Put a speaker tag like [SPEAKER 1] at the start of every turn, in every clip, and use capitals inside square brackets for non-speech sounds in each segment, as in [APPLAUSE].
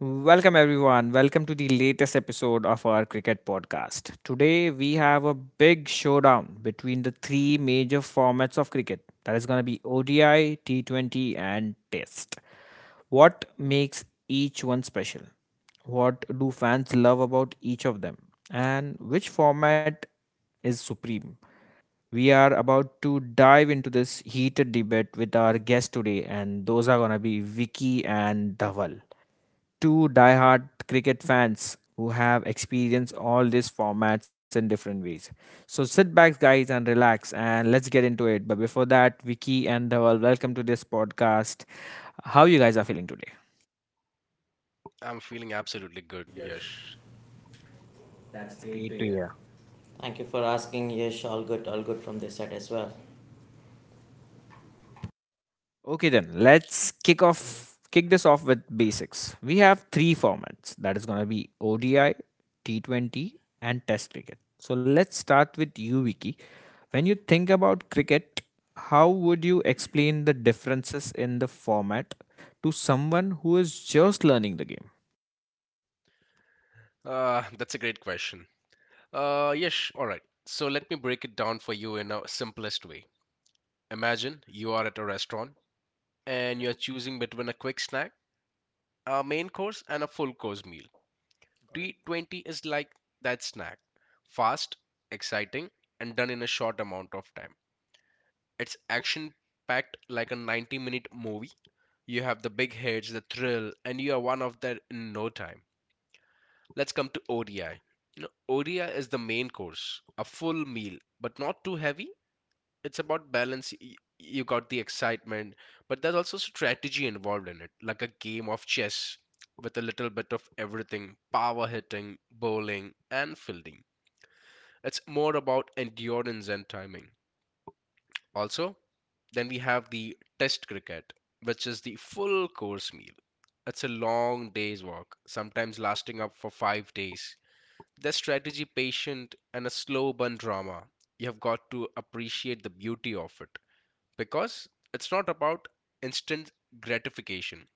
[SPEAKER 1] Welcome, everyone. Welcome to the latest episode of our cricket podcast. Today, we have a big showdown between the three major formats of cricket that is going to be ODI, T20, and Test. What makes each one special? What do fans love about each of them? And which format is supreme? We are about to dive into this heated debate with our guests today, and those are going to be Vicky and Dhaval, two diehard cricket fans who have experienced all these formats in different ways. So sit back, guys, and relax, and let's get into it. But before that, Vicky and Dhaval, welcome to this podcast. How you guys are feeling today?
[SPEAKER 2] I'm feeling absolutely
[SPEAKER 3] So,
[SPEAKER 2] good,
[SPEAKER 3] yes.
[SPEAKER 2] Yash.
[SPEAKER 3] That's
[SPEAKER 1] That's
[SPEAKER 3] great
[SPEAKER 1] great to
[SPEAKER 3] to hear.
[SPEAKER 1] hear.
[SPEAKER 3] Thank you for asking, yes, all good, all good from this side as well.
[SPEAKER 1] Okay, then let's kick this off with basics. We have three formats. That is going to be ODI, T20, and Test cricket. So let's start with you, Vicky. When you think about cricket, how would you explain the differences in the format to someone who is just learning the game?
[SPEAKER 2] That's a great question. Yash, all right. So let me break it down for you in a simplest way. Imagine you are at a restaurant and
[SPEAKER 1] Okay,
[SPEAKER 2] you're choosing between a quick snack, a main course, and a full course meal.
[SPEAKER 1] got it.
[SPEAKER 2] T20 is like that snack. Fast, exciting, and done in a short amount of time. It's action packed like a 90-minute movie. You have the big hits, the thrill, and you are one of that in no time. Let's come to ODI. You know, ODI is the main course, a full meal, but not too heavy. It's about balance. You got the excitement, but there's also strategy involved in it, like a game of chess with a little bit of everything, power hitting, bowling, and fielding. It's more about endurance and timing. Also, then we have the test cricket, which is the full course meal. It's a long day's walk, sometimes lasting up for 5 days. There's strategy, patient, and a slow burn drama. You have got to appreciate the beauty of it because it's not about instant gratification.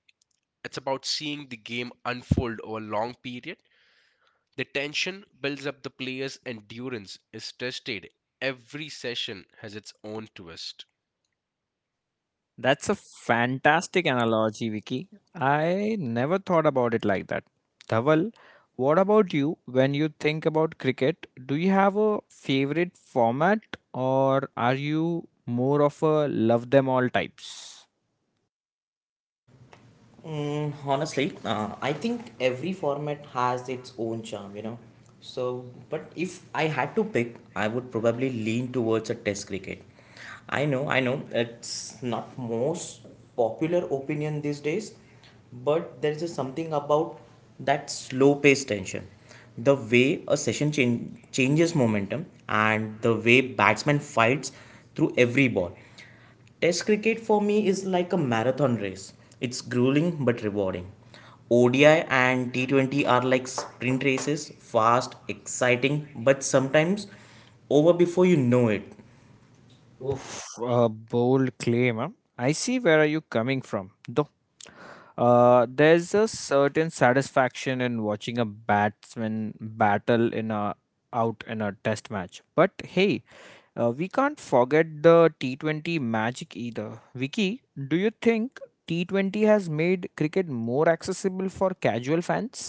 [SPEAKER 2] It's about seeing the game unfold over a long period. The tension builds up, the player's endurance is tested. Every session has its own twist.
[SPEAKER 1] That's a fantastic analogy, Vicky. I never thought about it like that. Dhaval, what about you when you think about cricket? Do you have a favorite format, or are you more of a love them all types?
[SPEAKER 3] Honestly, I think every format has its own charm. So, but if I had to pick, I would probably lean towards a test cricket. I know, it's not most popular opinion these days, but there is a something about that slow paced tension. The way a session changes momentum and the way batsman fights through every ball. Test cricket for me is like a marathon race. It's grueling but rewarding. ODI and T20 are like sprint races, fast, exciting, but sometimes over before you know it.
[SPEAKER 1] Oof, a bold claim, huh? I see where are you coming from, though. There's a certain satisfaction in watching a batsman battle in a out in a test match. But hey, we can't forget the T20 magic either. Vicky, do you think T20 has made cricket more accessible for casual fans?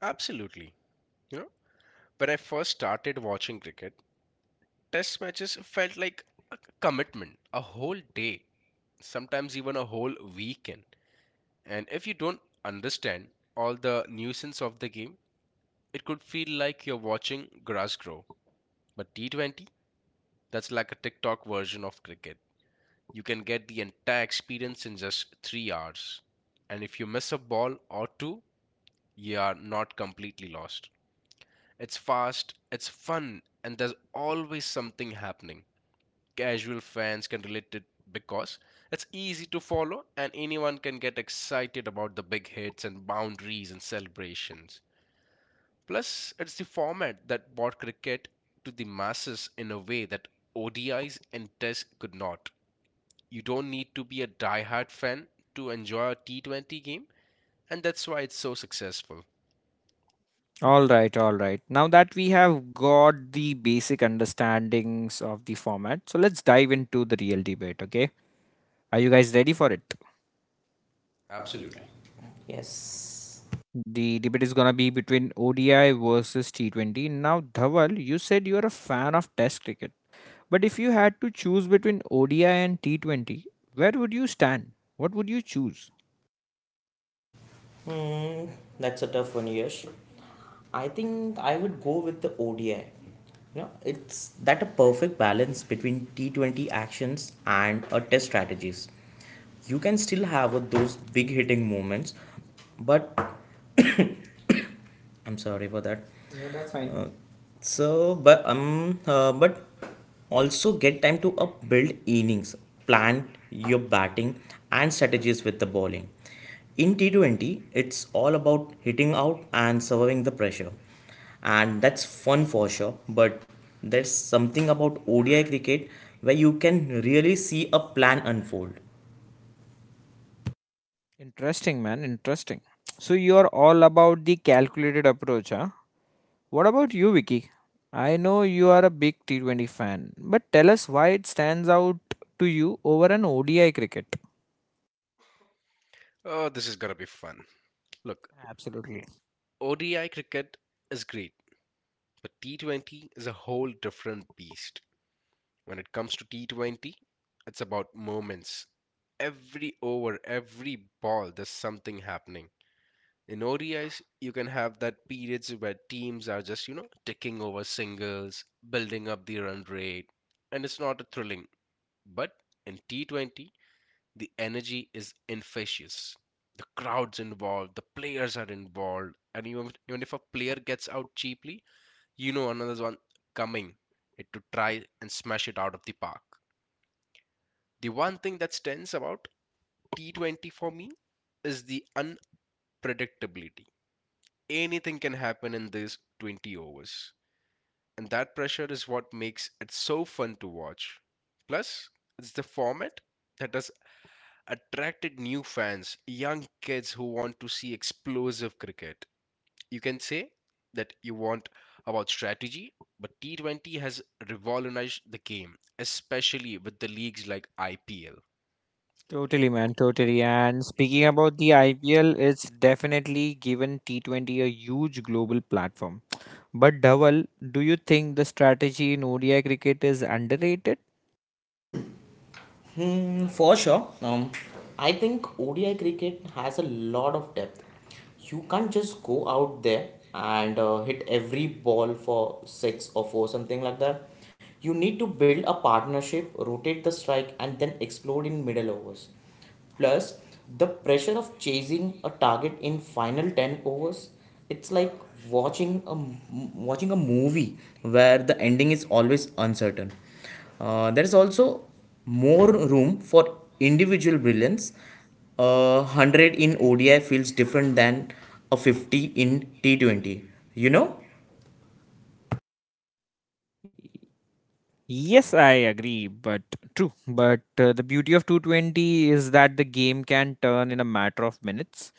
[SPEAKER 2] Absolutely. You know, when I first started watching cricket, test matches felt like a commitment, a whole day, sometimes even a whole weekend. And if you don't understand all the nuisance of the game, it could feel like you're watching grass grow. But T20, that's like a TikTok version of cricket. You can get the entire experience in just 3 hours. And if you miss a ball or two, you are not completely lost. It's fast, it's fun, and there's always something happening. Casual fans can relate it because it's easy to follow and anyone can get excited about the big hits and boundaries and celebrations. Plus, it's the format that brought cricket to the masses in a way that ODIs and Tests could not. You don't need to be a die-hard fan to enjoy a T20 game, and that's why it's so successful.
[SPEAKER 1] All right, all right. Now that we have got the basic understandings of the format, so let's dive into the real debate, okay? Are you guys ready for it?
[SPEAKER 3] Absolutely.
[SPEAKER 2] Absolutely.
[SPEAKER 3] Yes.
[SPEAKER 1] The debate is gonna be between ODI versus T20. Now, Dhawal, you said you're a fan of Test cricket, but if you had to choose between ODI and T20, where would you stand? What would you choose?
[SPEAKER 3] Hmm, that's a tough one, Yash. I think I would go with the ODI. You know, it's that a perfect balance between T20 actions and test strategies. You can still have those big hitting moments, but I'm sorry for that.
[SPEAKER 1] No, that's fine.
[SPEAKER 3] So, but also get time to build innings, plan your batting and strategies with the bowling. In T20, it's all about hitting out and surviving the pressure, and that's fun for sure. But there's something about ODI cricket where you can really see a plan unfold.
[SPEAKER 1] Interesting, man. Interesting. So you're all about the calculated approach, huh? What about you, Vicky? I know you are a big T20 fan, but tell us why it stands out to you over an ODI cricket.
[SPEAKER 2] Oh, this is gonna be fun. Look,
[SPEAKER 1] Absolutely.
[SPEAKER 2] ODI cricket is great, but T20 is a whole different beast. When it comes to T20, it's about moments. Every over, every ball, there's something happening. In ODIs, you can have that periods where teams are just, you know, ticking over singles, building up the run rate, and it's not thrilling. But in T20, the energy is infectious. The crowd's involved, the players are involved, and even if a player gets out cheaply, you know another one coming it to try and smash it out of the park. The one thing that stands about T20 for me is the unpredictability. Anything can happen in these 20 overs, and that pressure is what makes it so fun to watch. Plus, it's the format that has attracted new fans, young kids who want to see explosive cricket. You can say that you want about strategy, but T20 has revolutionized the game, especially with the leagues like IPL.
[SPEAKER 1] Totally, man, totally. And speaking about the IPL, it's definitely given T20 a huge global platform. But Dhaval, do you think the strategy in ODI cricket is underrated?
[SPEAKER 3] For sure. I think ODI cricket has a lot of depth. You can't just go out there and hit every ball for six or four, something like that. You need to build a partnership, rotate the strike, and then explode in middle overs. Plus, the pressure of chasing a target in final 10 overs, it's like watching a movie where the ending is always uncertain. There is also more room for individual brilliance. 100 in ODI feels different than a 50 in T 20. You know.
[SPEAKER 1] Yes, I agree, but true. But the beauty of 220 is that the game can turn in a matter of minutes.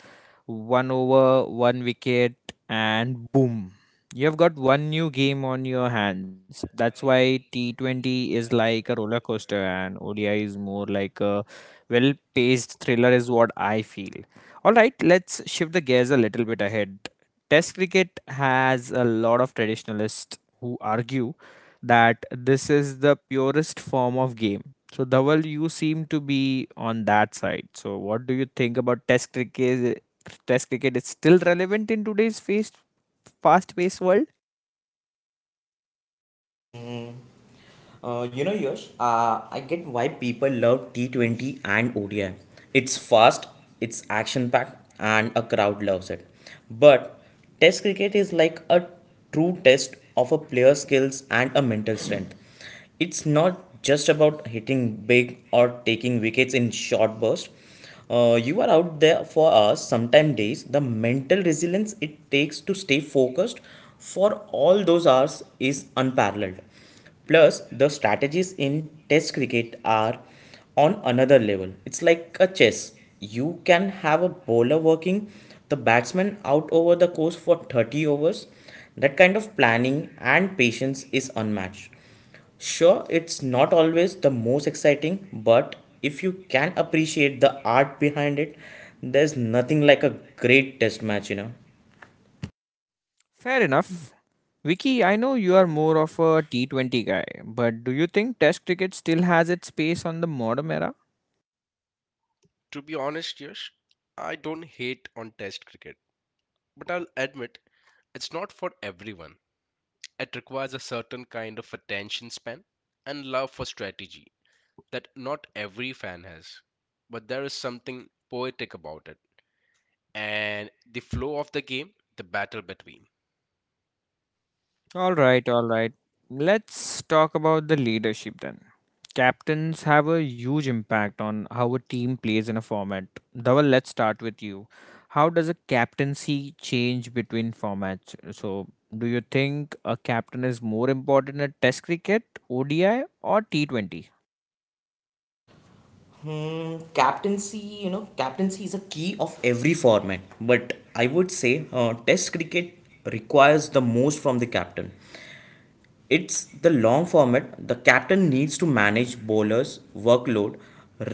[SPEAKER 1] One over, one wicket, and boom. You've got one new game on your hands. That's why T20 is like a roller coaster and ODI is more like a well paced thriller, is what I feel. All right, let's shift the gears a little bit ahead. Test cricket has a lot of traditionalists who argue that this is the purest form of game. So, Dhawal, you seem to be on that side. So, what do you think about Test cricket? Test cricket is still relevant in today's fast-paced world.
[SPEAKER 3] Yash, I get why people love T20 and ODI. It's fast, it's action packed, and a crowd loves it. But Test cricket is like a true test of a player's skills and a mental strength. It's not just about hitting big or taking wickets in short bursts. You are out there for us sometime days. The mental resilience it takes to stay focused for all those hours is unparalleled. Plus, the strategies in test cricket are on another level. It's like a chess. You can have a bowler working the batsman out over the course for 30 overs. That kind of planning and patience is unmatched. Sure, it's not always the most exciting, but if you can appreciate the art behind it, there's nothing like a great test match.
[SPEAKER 1] Fair enough. Vicky, I know you are more of a T20 guy, but do you think Test cricket still has its space on the modern era?
[SPEAKER 2] To be honest, Yash, I don't hate on test cricket, but I'll admit it's not for everyone. It requires a certain kind of attention span and love for strategy that not every fan has. But there is something poetic about it and the flow of the game, the battle between.
[SPEAKER 1] All right, all right. Let's talk about the leadership then. Captains have a huge impact on how a team plays in a format. Dhaval, let's start with you. How does a captaincy change between formats? So, do you think a captain is more important at Test cricket, ODI, or T20?
[SPEAKER 3] Captaincy is a key of every format, but I would say Test cricket requires the most from the captain. It's the long format. The captain needs to manage bowlers' workload,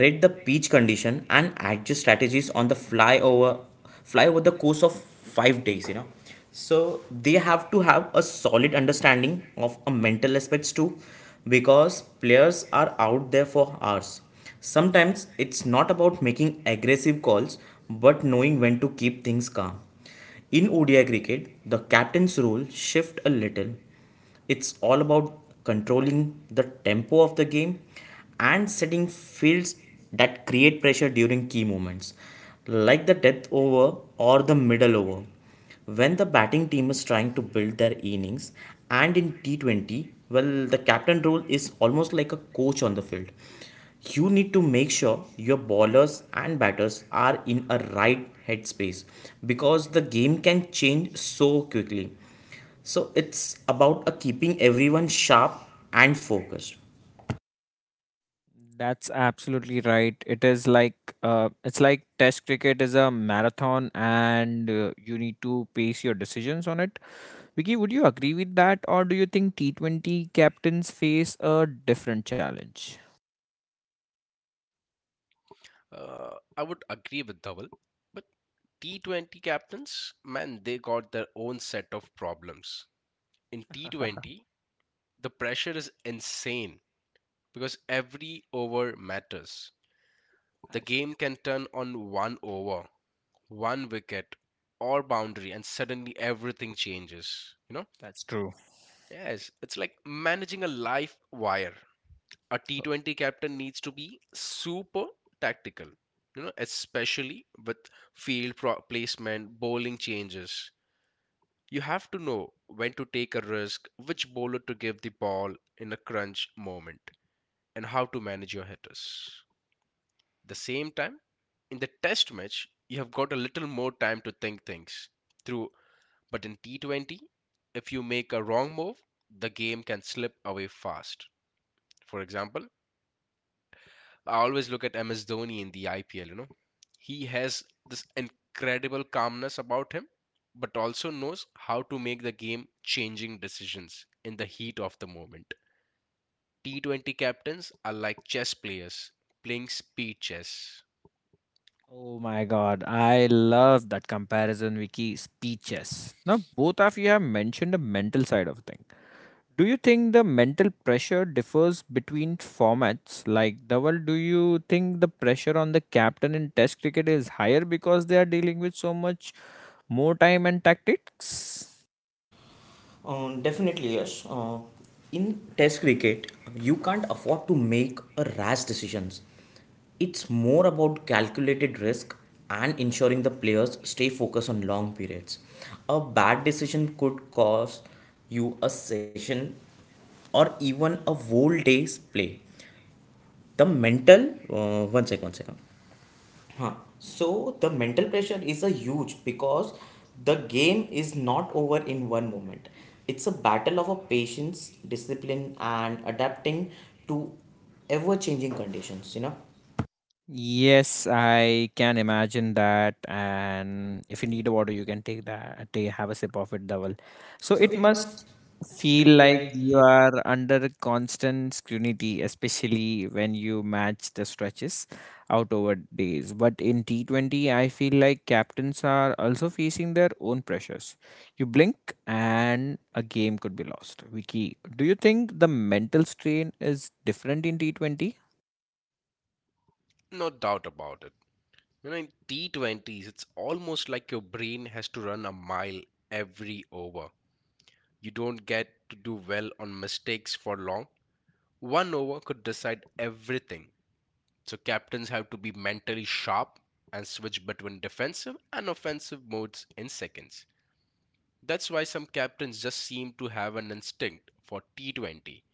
[SPEAKER 3] read the pitch condition, and adjust strategies on the fly over the course of 5 days. You know, so they have to have a solid understanding of a mental aspects too, because players are out there for hours. Sometimes it's not about making aggressive calls, but knowing when to keep things calm. In ODI cricket, the captain's role shift a little. It's all about controlling the tempo of the game and setting fields that create pressure during key moments, like the death over or the middle over. When the batting team is trying to build their innings, and in T20, well, the captain role is almost like a coach on the field. You need to make sure your bowlers and batters are in a right headspace because the game can change so quickly. So it's about keeping everyone sharp and focused.
[SPEAKER 1] That's absolutely right. It's like Test cricket is a marathon, and you need to pace your decisions on it. Vicky, would you agree with that, or do you think T20 captains face a different challenge?
[SPEAKER 2] I would agree with Dhaval, but T20 captains, man, they got their own set of problems. In
[SPEAKER 1] [LAUGHS]
[SPEAKER 2] T20, the pressure is insane because every over matters. The
[SPEAKER 1] That's
[SPEAKER 2] game can turn on one over, one wicket, or boundary, and suddenly everything changes. You know?
[SPEAKER 1] that's true.
[SPEAKER 2] Yes, it's like managing a live wire. A T20 captain needs to be super tactical, you know, especially with field placement, bowling changes. You have to know when to take a risk, which bowler to give the ball in a crunch moment, and how to manage your hitters. The same time, in the test match, you have got a little more time to think things through. But in T20, if you make a wrong move, the game can slip away fast. For example, I always look at MS Dhoni in the IPL, you know. He has this incredible calmness about him, but also knows how to make the game changing decisions in the heat of the moment. T20 captains are like chess players playing speed chess.
[SPEAKER 1] Oh my god, I love that comparison, Vicky. Speeches. Now, both of you have mentioned the mental side of thing. Do you think the mental pressure differs between formats? Like, Dhaval, do you think the pressure on the captain in Test cricket is higher because they are dealing with so much more time and tactics?
[SPEAKER 3] Definitely, yes. In test cricket, you can't afford to make a rash decisions. It's more about calculated risk and ensuring the players stay focused on long periods. A bad decision could cost you a session or even a whole day's play. One second, one second. Huh. So the mental pressure is a huge because the game is not over in one moment. It's a battle of a patience, discipline, and adapting to ever changing conditions.
[SPEAKER 1] Yes, I can imagine that. And if you need a water, you can take, have a sip of it, double. So
[SPEAKER 3] So
[SPEAKER 1] it
[SPEAKER 3] it
[SPEAKER 1] must
[SPEAKER 3] must
[SPEAKER 1] feel
[SPEAKER 3] feel
[SPEAKER 1] like you
[SPEAKER 3] like
[SPEAKER 1] are under constant scrutiny, especially when you match the stretches out over days. But in T20, I feel like captains are also facing their own pressures. You blink and a game could be lost. Vicky, do you think the mental strain is different in T20?
[SPEAKER 2] No doubt about it. You know, in T20s, it's almost like your brain has to run a mile every over. You don't get to do well on mistakes for long. One over could decide everything. So captains have to be mentally sharp and switch between defensive and offensive modes in seconds. That's why some captains just seem to have an instinct for T20.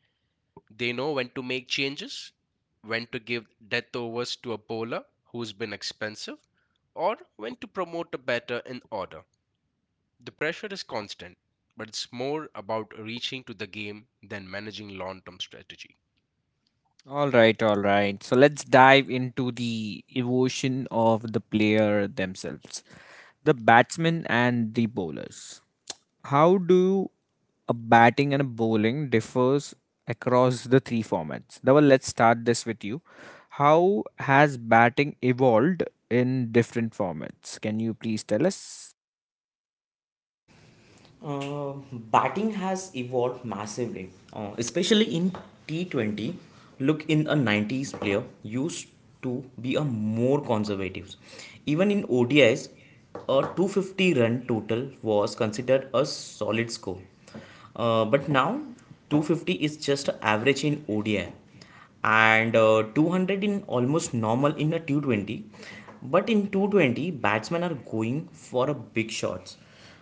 [SPEAKER 2] They know when to make changes, when to give death overs to a bowler who's been expensive, or when to promote a batter in order. The pressure is constant, but it's more about reaching to the game than managing long term strategy.
[SPEAKER 1] All right, all right. So let's dive into the evolution of the player themselves, the batsmen and the bowlers. How do a batting and a bowling differs across the three formats? Now, let's start this with you. How has batting evolved in different formats? Can you please tell us?
[SPEAKER 3] Uh, batting has evolved massively, especially in T20. Look, in a 90s player used to be a more conservative. Even in ODIs, a 250 run total was considered a solid score. But now 250 is just average in ODI and 200 in almost normal in a 220. But in 220, batsmen are going for a big shots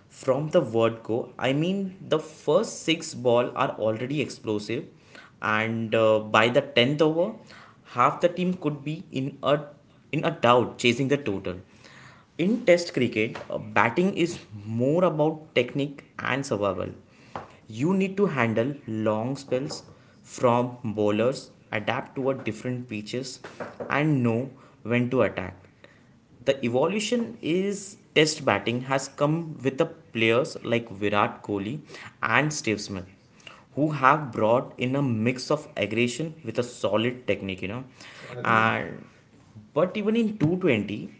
[SPEAKER 3] from the word go. I mean, the first six ball are already explosive, and by the 10th over, half the team could be in a doubt chasing the total. In Test cricket, batting is more about technique and survival. You need to handle long spells from bowlers, adapt to a different pitches, and know when to attack. The evolution is test batting has come with the players like Virat Kohli and Steve Smith who have brought in a mix of aggression with a solid technique.
[SPEAKER 1] Agreed.
[SPEAKER 3] And but even in 220,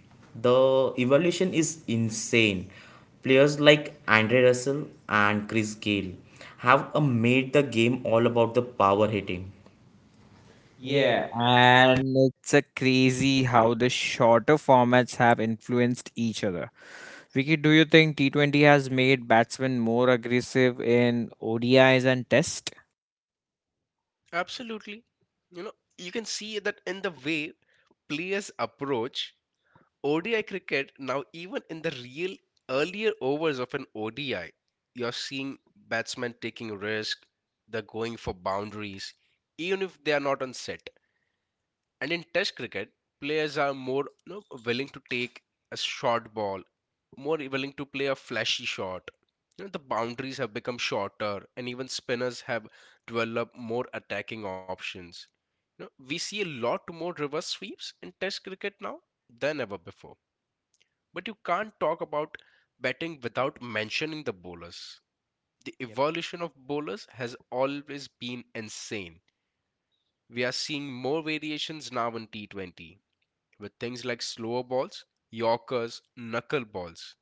[SPEAKER 3] the evolution is insane. Players like Andre Russell and Chris Gale have made the game all about the power hitting.
[SPEAKER 1] Yeah,
[SPEAKER 3] Yeah,
[SPEAKER 1] and it's a crazy how the shorter formats have influenced each other. Vicky, do you think T20 has made batsmen more aggressive in ODIs and Test?
[SPEAKER 2] Absolutely. You know, you can see that in the way players approach ODI cricket, now even in the real earlier overs of an ODI, you're seeing batsmen taking risk, they're going for boundaries, even if they are not on set. And in Test cricket, players are more, you know, willing to take a short ball, more willing to play a flashy shot. You know, the boundaries have become shorter, and even spinners have developed more attacking options. You know, we see a lot more reverse sweeps in Test cricket now than ever before. But you can't talk about batting without mentioning the bowlers. The
[SPEAKER 1] Yep.
[SPEAKER 2] evolution of bowlers has always been insane. We are seeing more variations now in T20 with things like slower balls, Yorkers, knuckle balls.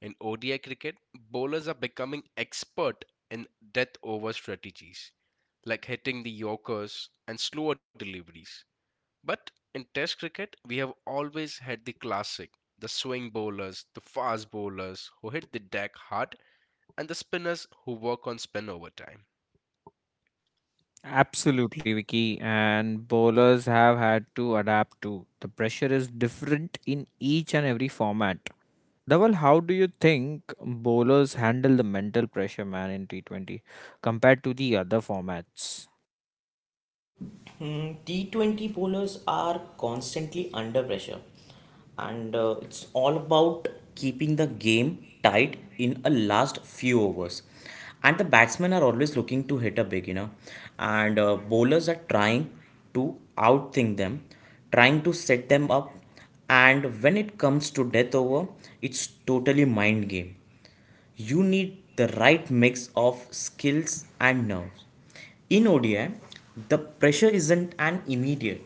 [SPEAKER 2] In ODI cricket, bowlers are becoming expert in death over strategies like hitting the Yorkers and slower deliveries. But in Test cricket, we have always had the classic the swing bowlers, the fast bowlers who hit the deck hard, and the spinners who work on spin over time.
[SPEAKER 1] Absolutely, Vicky. And bowlers have had to adapt too. The pressure is different in each and every format. Dhaval, how do you think bowlers handle the mental pressure, man, in T20 compared to the other formats?
[SPEAKER 3] T20 bowlers are constantly under pressure, and it's all about keeping the game tight in a last few overs. And the batsmen are always looking to hit a big, and bowlers are trying to outthink them, trying to set them up. And when it comes to death over, it's totally mind game. You need the right mix of skills and nerves. In ODI, the pressure isn't an immediate.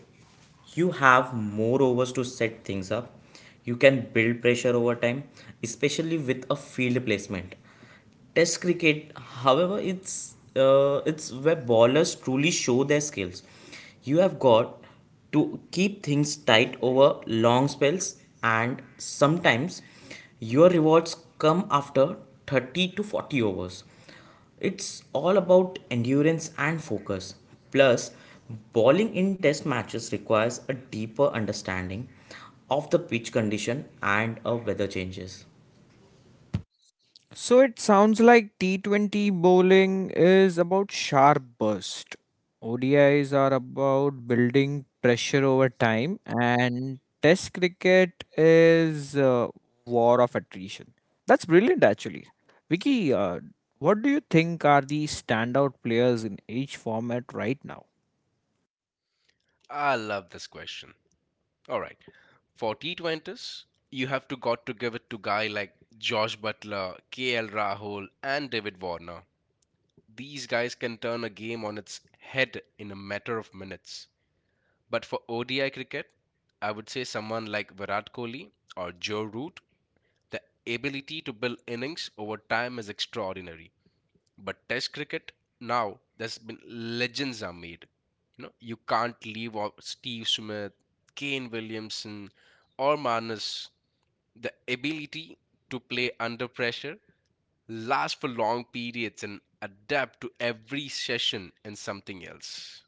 [SPEAKER 3] You have more overs to set things up. You can build pressure over time, especially with a field placement. Test cricket, however, it's where bowlers truly show their skills. You have got to keep things tight over long spells, and sometimes your rewards come after 30 to 40 overs. It's all about endurance and focus. Plus, bowling in test matches requires a deeper understanding of the pitch condition and of weather changes.
[SPEAKER 1] So it sounds like T20 bowling is about sharp burst. ODIs are about building pressure over time, and Test cricket is war of attrition. That's brilliant, actually. Vicky, what do you think are the standout players in each format right now?
[SPEAKER 2] I love this question. All right, for T20s, you have to got to give it to guy like Josh Butler, KL Rahul, and David Warner. These guys can turn a game on its head in a matter of minutes. But for ODI cricket, I would say someone like Virat Kohli or Joe Root. The ability to build innings over time is extraordinary. But Test cricket now, there's been legends are made. You know, you can't leave out Steve Smith, Kane Williamson, or Manus. The ability to play under pressure, last for long periods, and adapt to every session in something else.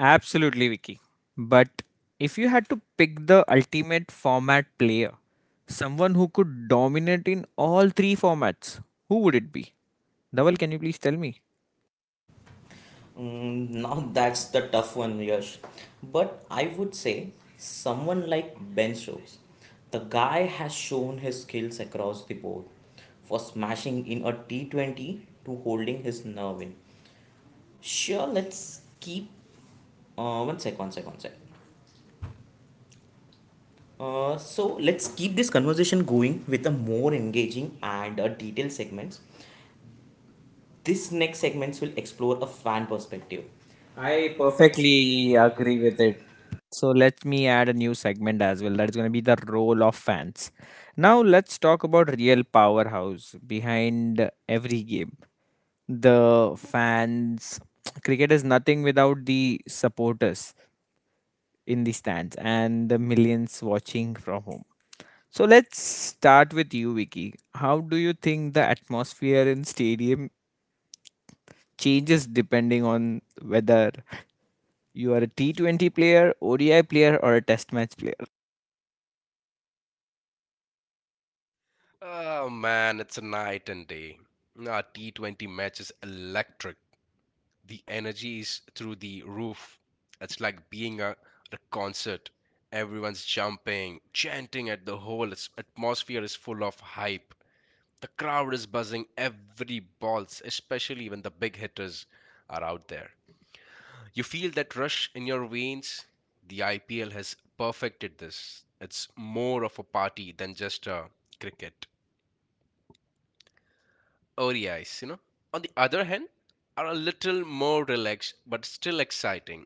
[SPEAKER 1] Absolutely, Vicky. But if you had to pick the ultimate format player, someone who could dominate in all three formats, who would it be? Dhaval, can you please tell me?
[SPEAKER 3] Now that's the tough one, Yash. But I would say someone like Ben Stokes, the guy has shown his skills across the board, for smashing in a T20 to holding his nerve in. Sure, let's keep. One sec, one sec, one sec. So let's keep this conversation going with a more engaging and a detailed segments. This next segments will explore a fan perspective.
[SPEAKER 1] I
[SPEAKER 3] I
[SPEAKER 1] perfectly
[SPEAKER 3] perfectly
[SPEAKER 1] agree
[SPEAKER 3] agree
[SPEAKER 1] with
[SPEAKER 3] with
[SPEAKER 1] it.
[SPEAKER 3] it.
[SPEAKER 1] So let me add a new segment as well. That's going to be the role of fans. Now let's talk about real powerhouse behind every game. The fans. Cricket is nothing without the supporters in the stands and the millions watching from home. So let's start with you, Vicky. How do you think the atmosphere in stadium changes depending on whether you are a T20 player, ODI player, or a test match player?
[SPEAKER 2] Oh man, it's a night and day. Our T20 match is electric. The energy is through the roof. It's like being at a concert. Everyone's jumping, chanting at the whole atmosphere is full of hype. The crowd is buzzing every balls, especially when the big hitters are out there. You feel that rush in your veins. The IPL has perfected this. It's more of a party than just a cricket. ODIs, you know, on the other hand, are a little more relaxed but still exciting.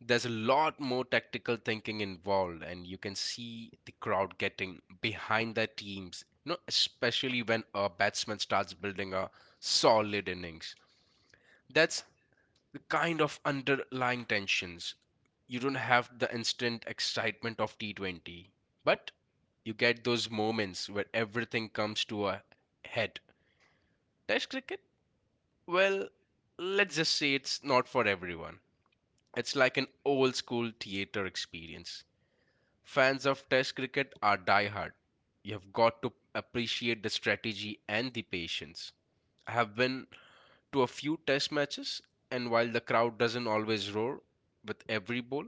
[SPEAKER 2] There's a lot more tactical thinking involved, and you can see the crowd getting behind their teams, you know, especially when a batsman starts building a solid innings. That's the kind of underlying tensions. You don't have the instant excitement of T20, but you get those moments where everything comes to a head. Test cricket, well, let's just say it's not for everyone. It's like an old school theater experience. Fans of Test cricket are diehard. You have got to appreciate the strategy and the patience. I have been to a few Test matches, and while the crowd doesn't always roar with every ball,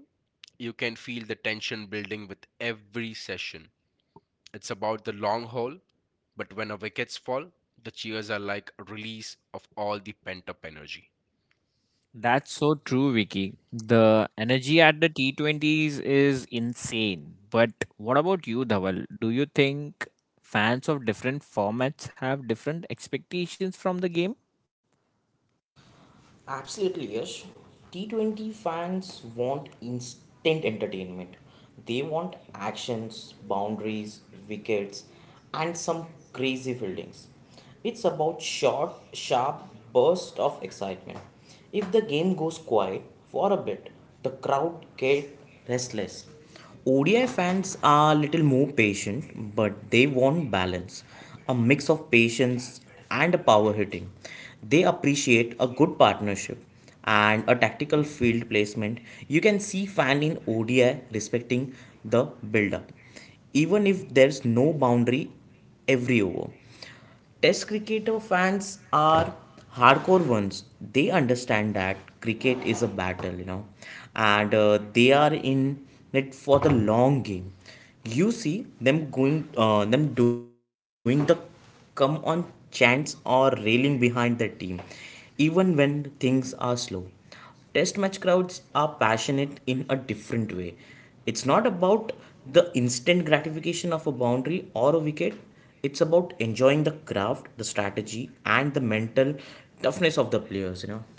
[SPEAKER 2] you can feel the tension building with every session. It's about the long haul, but when a wickets fall, the cheers are like a release of all the pent up energy.
[SPEAKER 1] That's so true, Vicky. The energy at the T20s is insane. But what about you, Dhawal? Do you think fans of different formats have different expectations from the game?
[SPEAKER 3] Absolutely, yes. T20 fans want instant entertainment. They want actions, boundaries, wickets, and some crazy fieldings. It's about short, sharp burst of excitement. If the game goes quiet for a bit, the crowd get restless. ODI fans are a little more patient, but they want balance, a mix of patience and a power hitting. They appreciate a good partnership and a tactical field placement. You can see fan in ODI respecting the build up, even if there's no boundary every over. Test cricketer fans are hardcore ones. They understand that cricket is a battle, and they are in it for the long game. You see them going, them doing the come on chants or railing behind the team, even when things are slow. Test match crowds are passionate in a different way. It's not about the instant gratification of a boundary or a wicket, it's about enjoying the craft, the strategy, and the mental toughness of the players.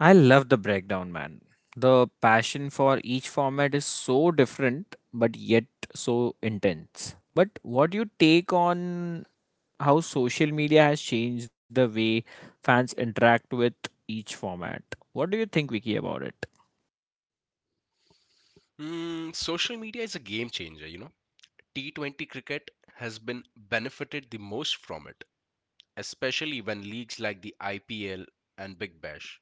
[SPEAKER 1] I love the breakdown, man. The passion for each format is so different, but yet so intense. But what do you take on how social media has changed the way fans interact with each format? What do you think, Vicky, about it?
[SPEAKER 2] Mm, social media is a game changer, you know. T20 cricket has been benefited the most from it, especially when leagues like the IPL and Big Bash.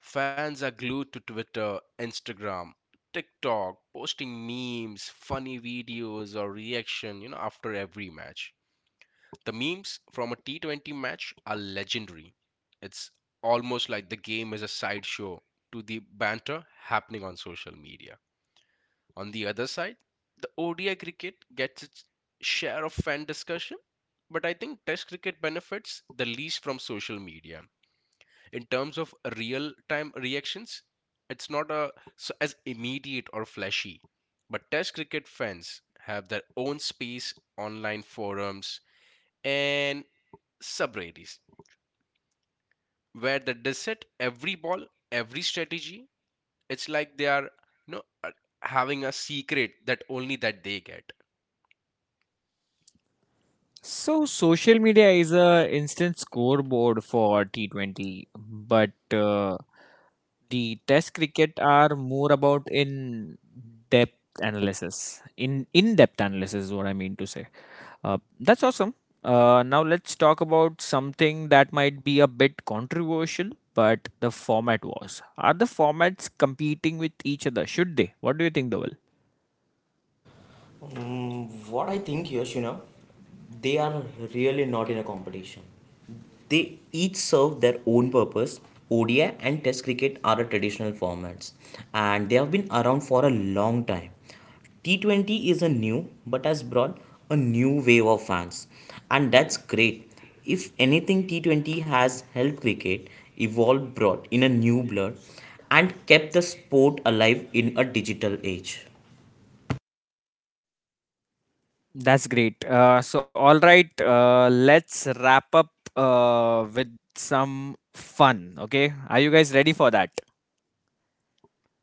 [SPEAKER 2] Fans are glued to Twitter, Instagram, TikTok, posting memes, funny videos or reaction, you know, after every match. The memes from a T20 match are legendary. It's almost like the game is a sideshow to the banter happening on social media. On the other side, the ODI cricket gets its share of fan discussion, but I think Test cricket benefits the least from social media. In terms of real time reactions, it's not a, so as immediate or flashy, but Test cricket fans have their own space, online forums, and subreddits where they dissect every ball, every strategy. It's like they are, you know, uh, having a secret that only that they get.
[SPEAKER 1] So social media is a instant scoreboard for T20, but the Test cricket are more about in depth analysis. In depth analysis is what I mean to say. That's awesome. Now let's talk about something that might be a bit controversial, but the format was. Are the formats competing with each other? Should they? What do you think, Doval?
[SPEAKER 3] What I think, Yash, they are really not in a competition. They each serve their own purpose. ODI and Test cricket are the traditional formats and they have been around for a long time. T20 is a new but has brought a new wave of fans, and that's great. If anything, T20 has helped cricket evolve brought in a new blood and kept the sport alive in a digital age.
[SPEAKER 1] That's great. So, all right, let's wrap up with some fun. Okay, are you guys ready for that?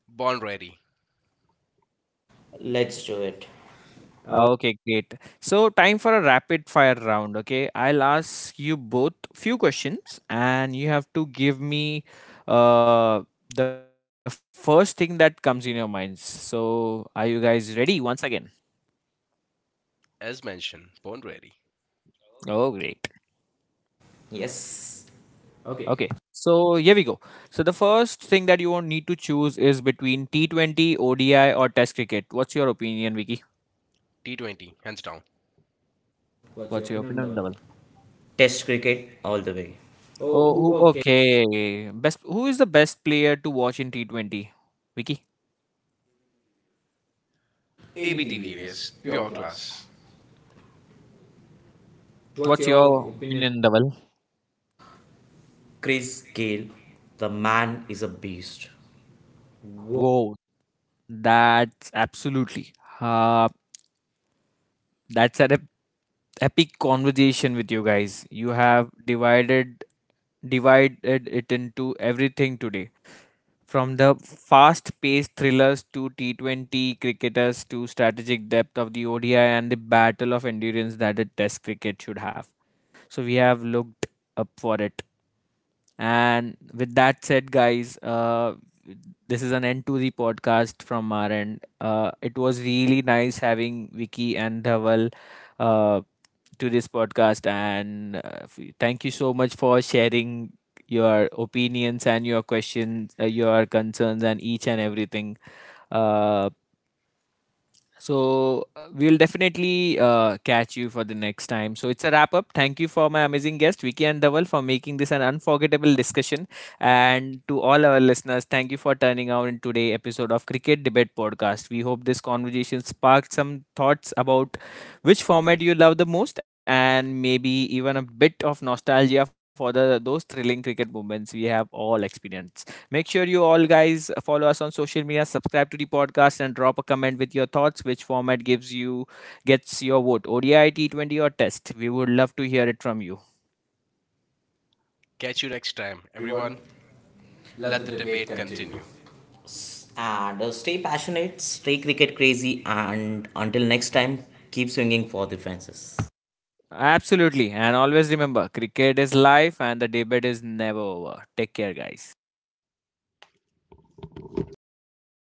[SPEAKER 2] Born ready,
[SPEAKER 3] Let's do it. Uh,
[SPEAKER 1] Okay, great. So, time for a rapid fire round. Okay, I'll ask you both few questions, and you have to give me uh, the first thing that comes in your minds. So, are you guys ready? Once again.
[SPEAKER 2] as mentioned, born ready.
[SPEAKER 1] Oh, great.
[SPEAKER 3] Yes. Okay,
[SPEAKER 1] Okay. So here we go. So the first thing that you won't need to choose is between T20, ODI, or Test cricket. What's your opinion, Vicky?
[SPEAKER 2] T20, hands down.
[SPEAKER 3] what's your
[SPEAKER 1] What's your
[SPEAKER 3] opinion on
[SPEAKER 1] opinion,
[SPEAKER 3] that
[SPEAKER 1] on
[SPEAKER 3] one?
[SPEAKER 1] double?
[SPEAKER 3] Test cricket all the way. Oh, who,
[SPEAKER 1] Oh, who,
[SPEAKER 3] okay.
[SPEAKER 1] okay. Best. Who is the best player to watch in T20? Vicky.
[SPEAKER 2] AB de Villiers, pure class.
[SPEAKER 3] What's
[SPEAKER 1] What's
[SPEAKER 3] your
[SPEAKER 1] your
[SPEAKER 3] opinion?
[SPEAKER 1] opinion, Dhaval?
[SPEAKER 3] Chris Gayle? The man is a beast. Whoa.
[SPEAKER 1] Whoa, that's absolutely. Uh, that's an epic conversation with you guys. You have divided it into everything today, from the fast-paced thrillers to T20 cricketers to strategic depth of the ODI and the battle of endurance that a Test cricket should have. So we have looked up for it. And with that said, guys, this is an end to the podcast from our end. It was really nice having Vicky and Dhaval, uh, to this podcast. And thank you so much for sharing your opinions and your questions, your concerns, and each and everything. Uh, so we'll definitely catch you for the next time. So it's a wrap up. Thank you for my amazing guest Vicky and Dhaval for making this an unforgettable discussion, and to all our listeners, thank you for turning out in today's episode of Cricket Debate Podcast. We hope this conversation sparked some thoughts about which format you love the most, and maybe even a bit of nostalgia for the those thrilling cricket moments we have all experienced. Make sure you all guys follow us on social media, subscribe to the podcast, and drop a comment with your thoughts. Which format gives you gets your vote? ODI, T20, or Test? We would love to hear it from you.
[SPEAKER 2] Catch you next time,
[SPEAKER 3] Everyone,
[SPEAKER 2] everyone.
[SPEAKER 3] let
[SPEAKER 2] Let
[SPEAKER 3] the
[SPEAKER 2] the
[SPEAKER 3] debate
[SPEAKER 2] debate
[SPEAKER 3] continue.
[SPEAKER 2] continue.
[SPEAKER 3] And stay passionate, stay cricket crazy, and until next time, keep swinging for the fences.
[SPEAKER 1] Absolutely, and always remember, cricket is life, and the debate is never over. Take care, guys.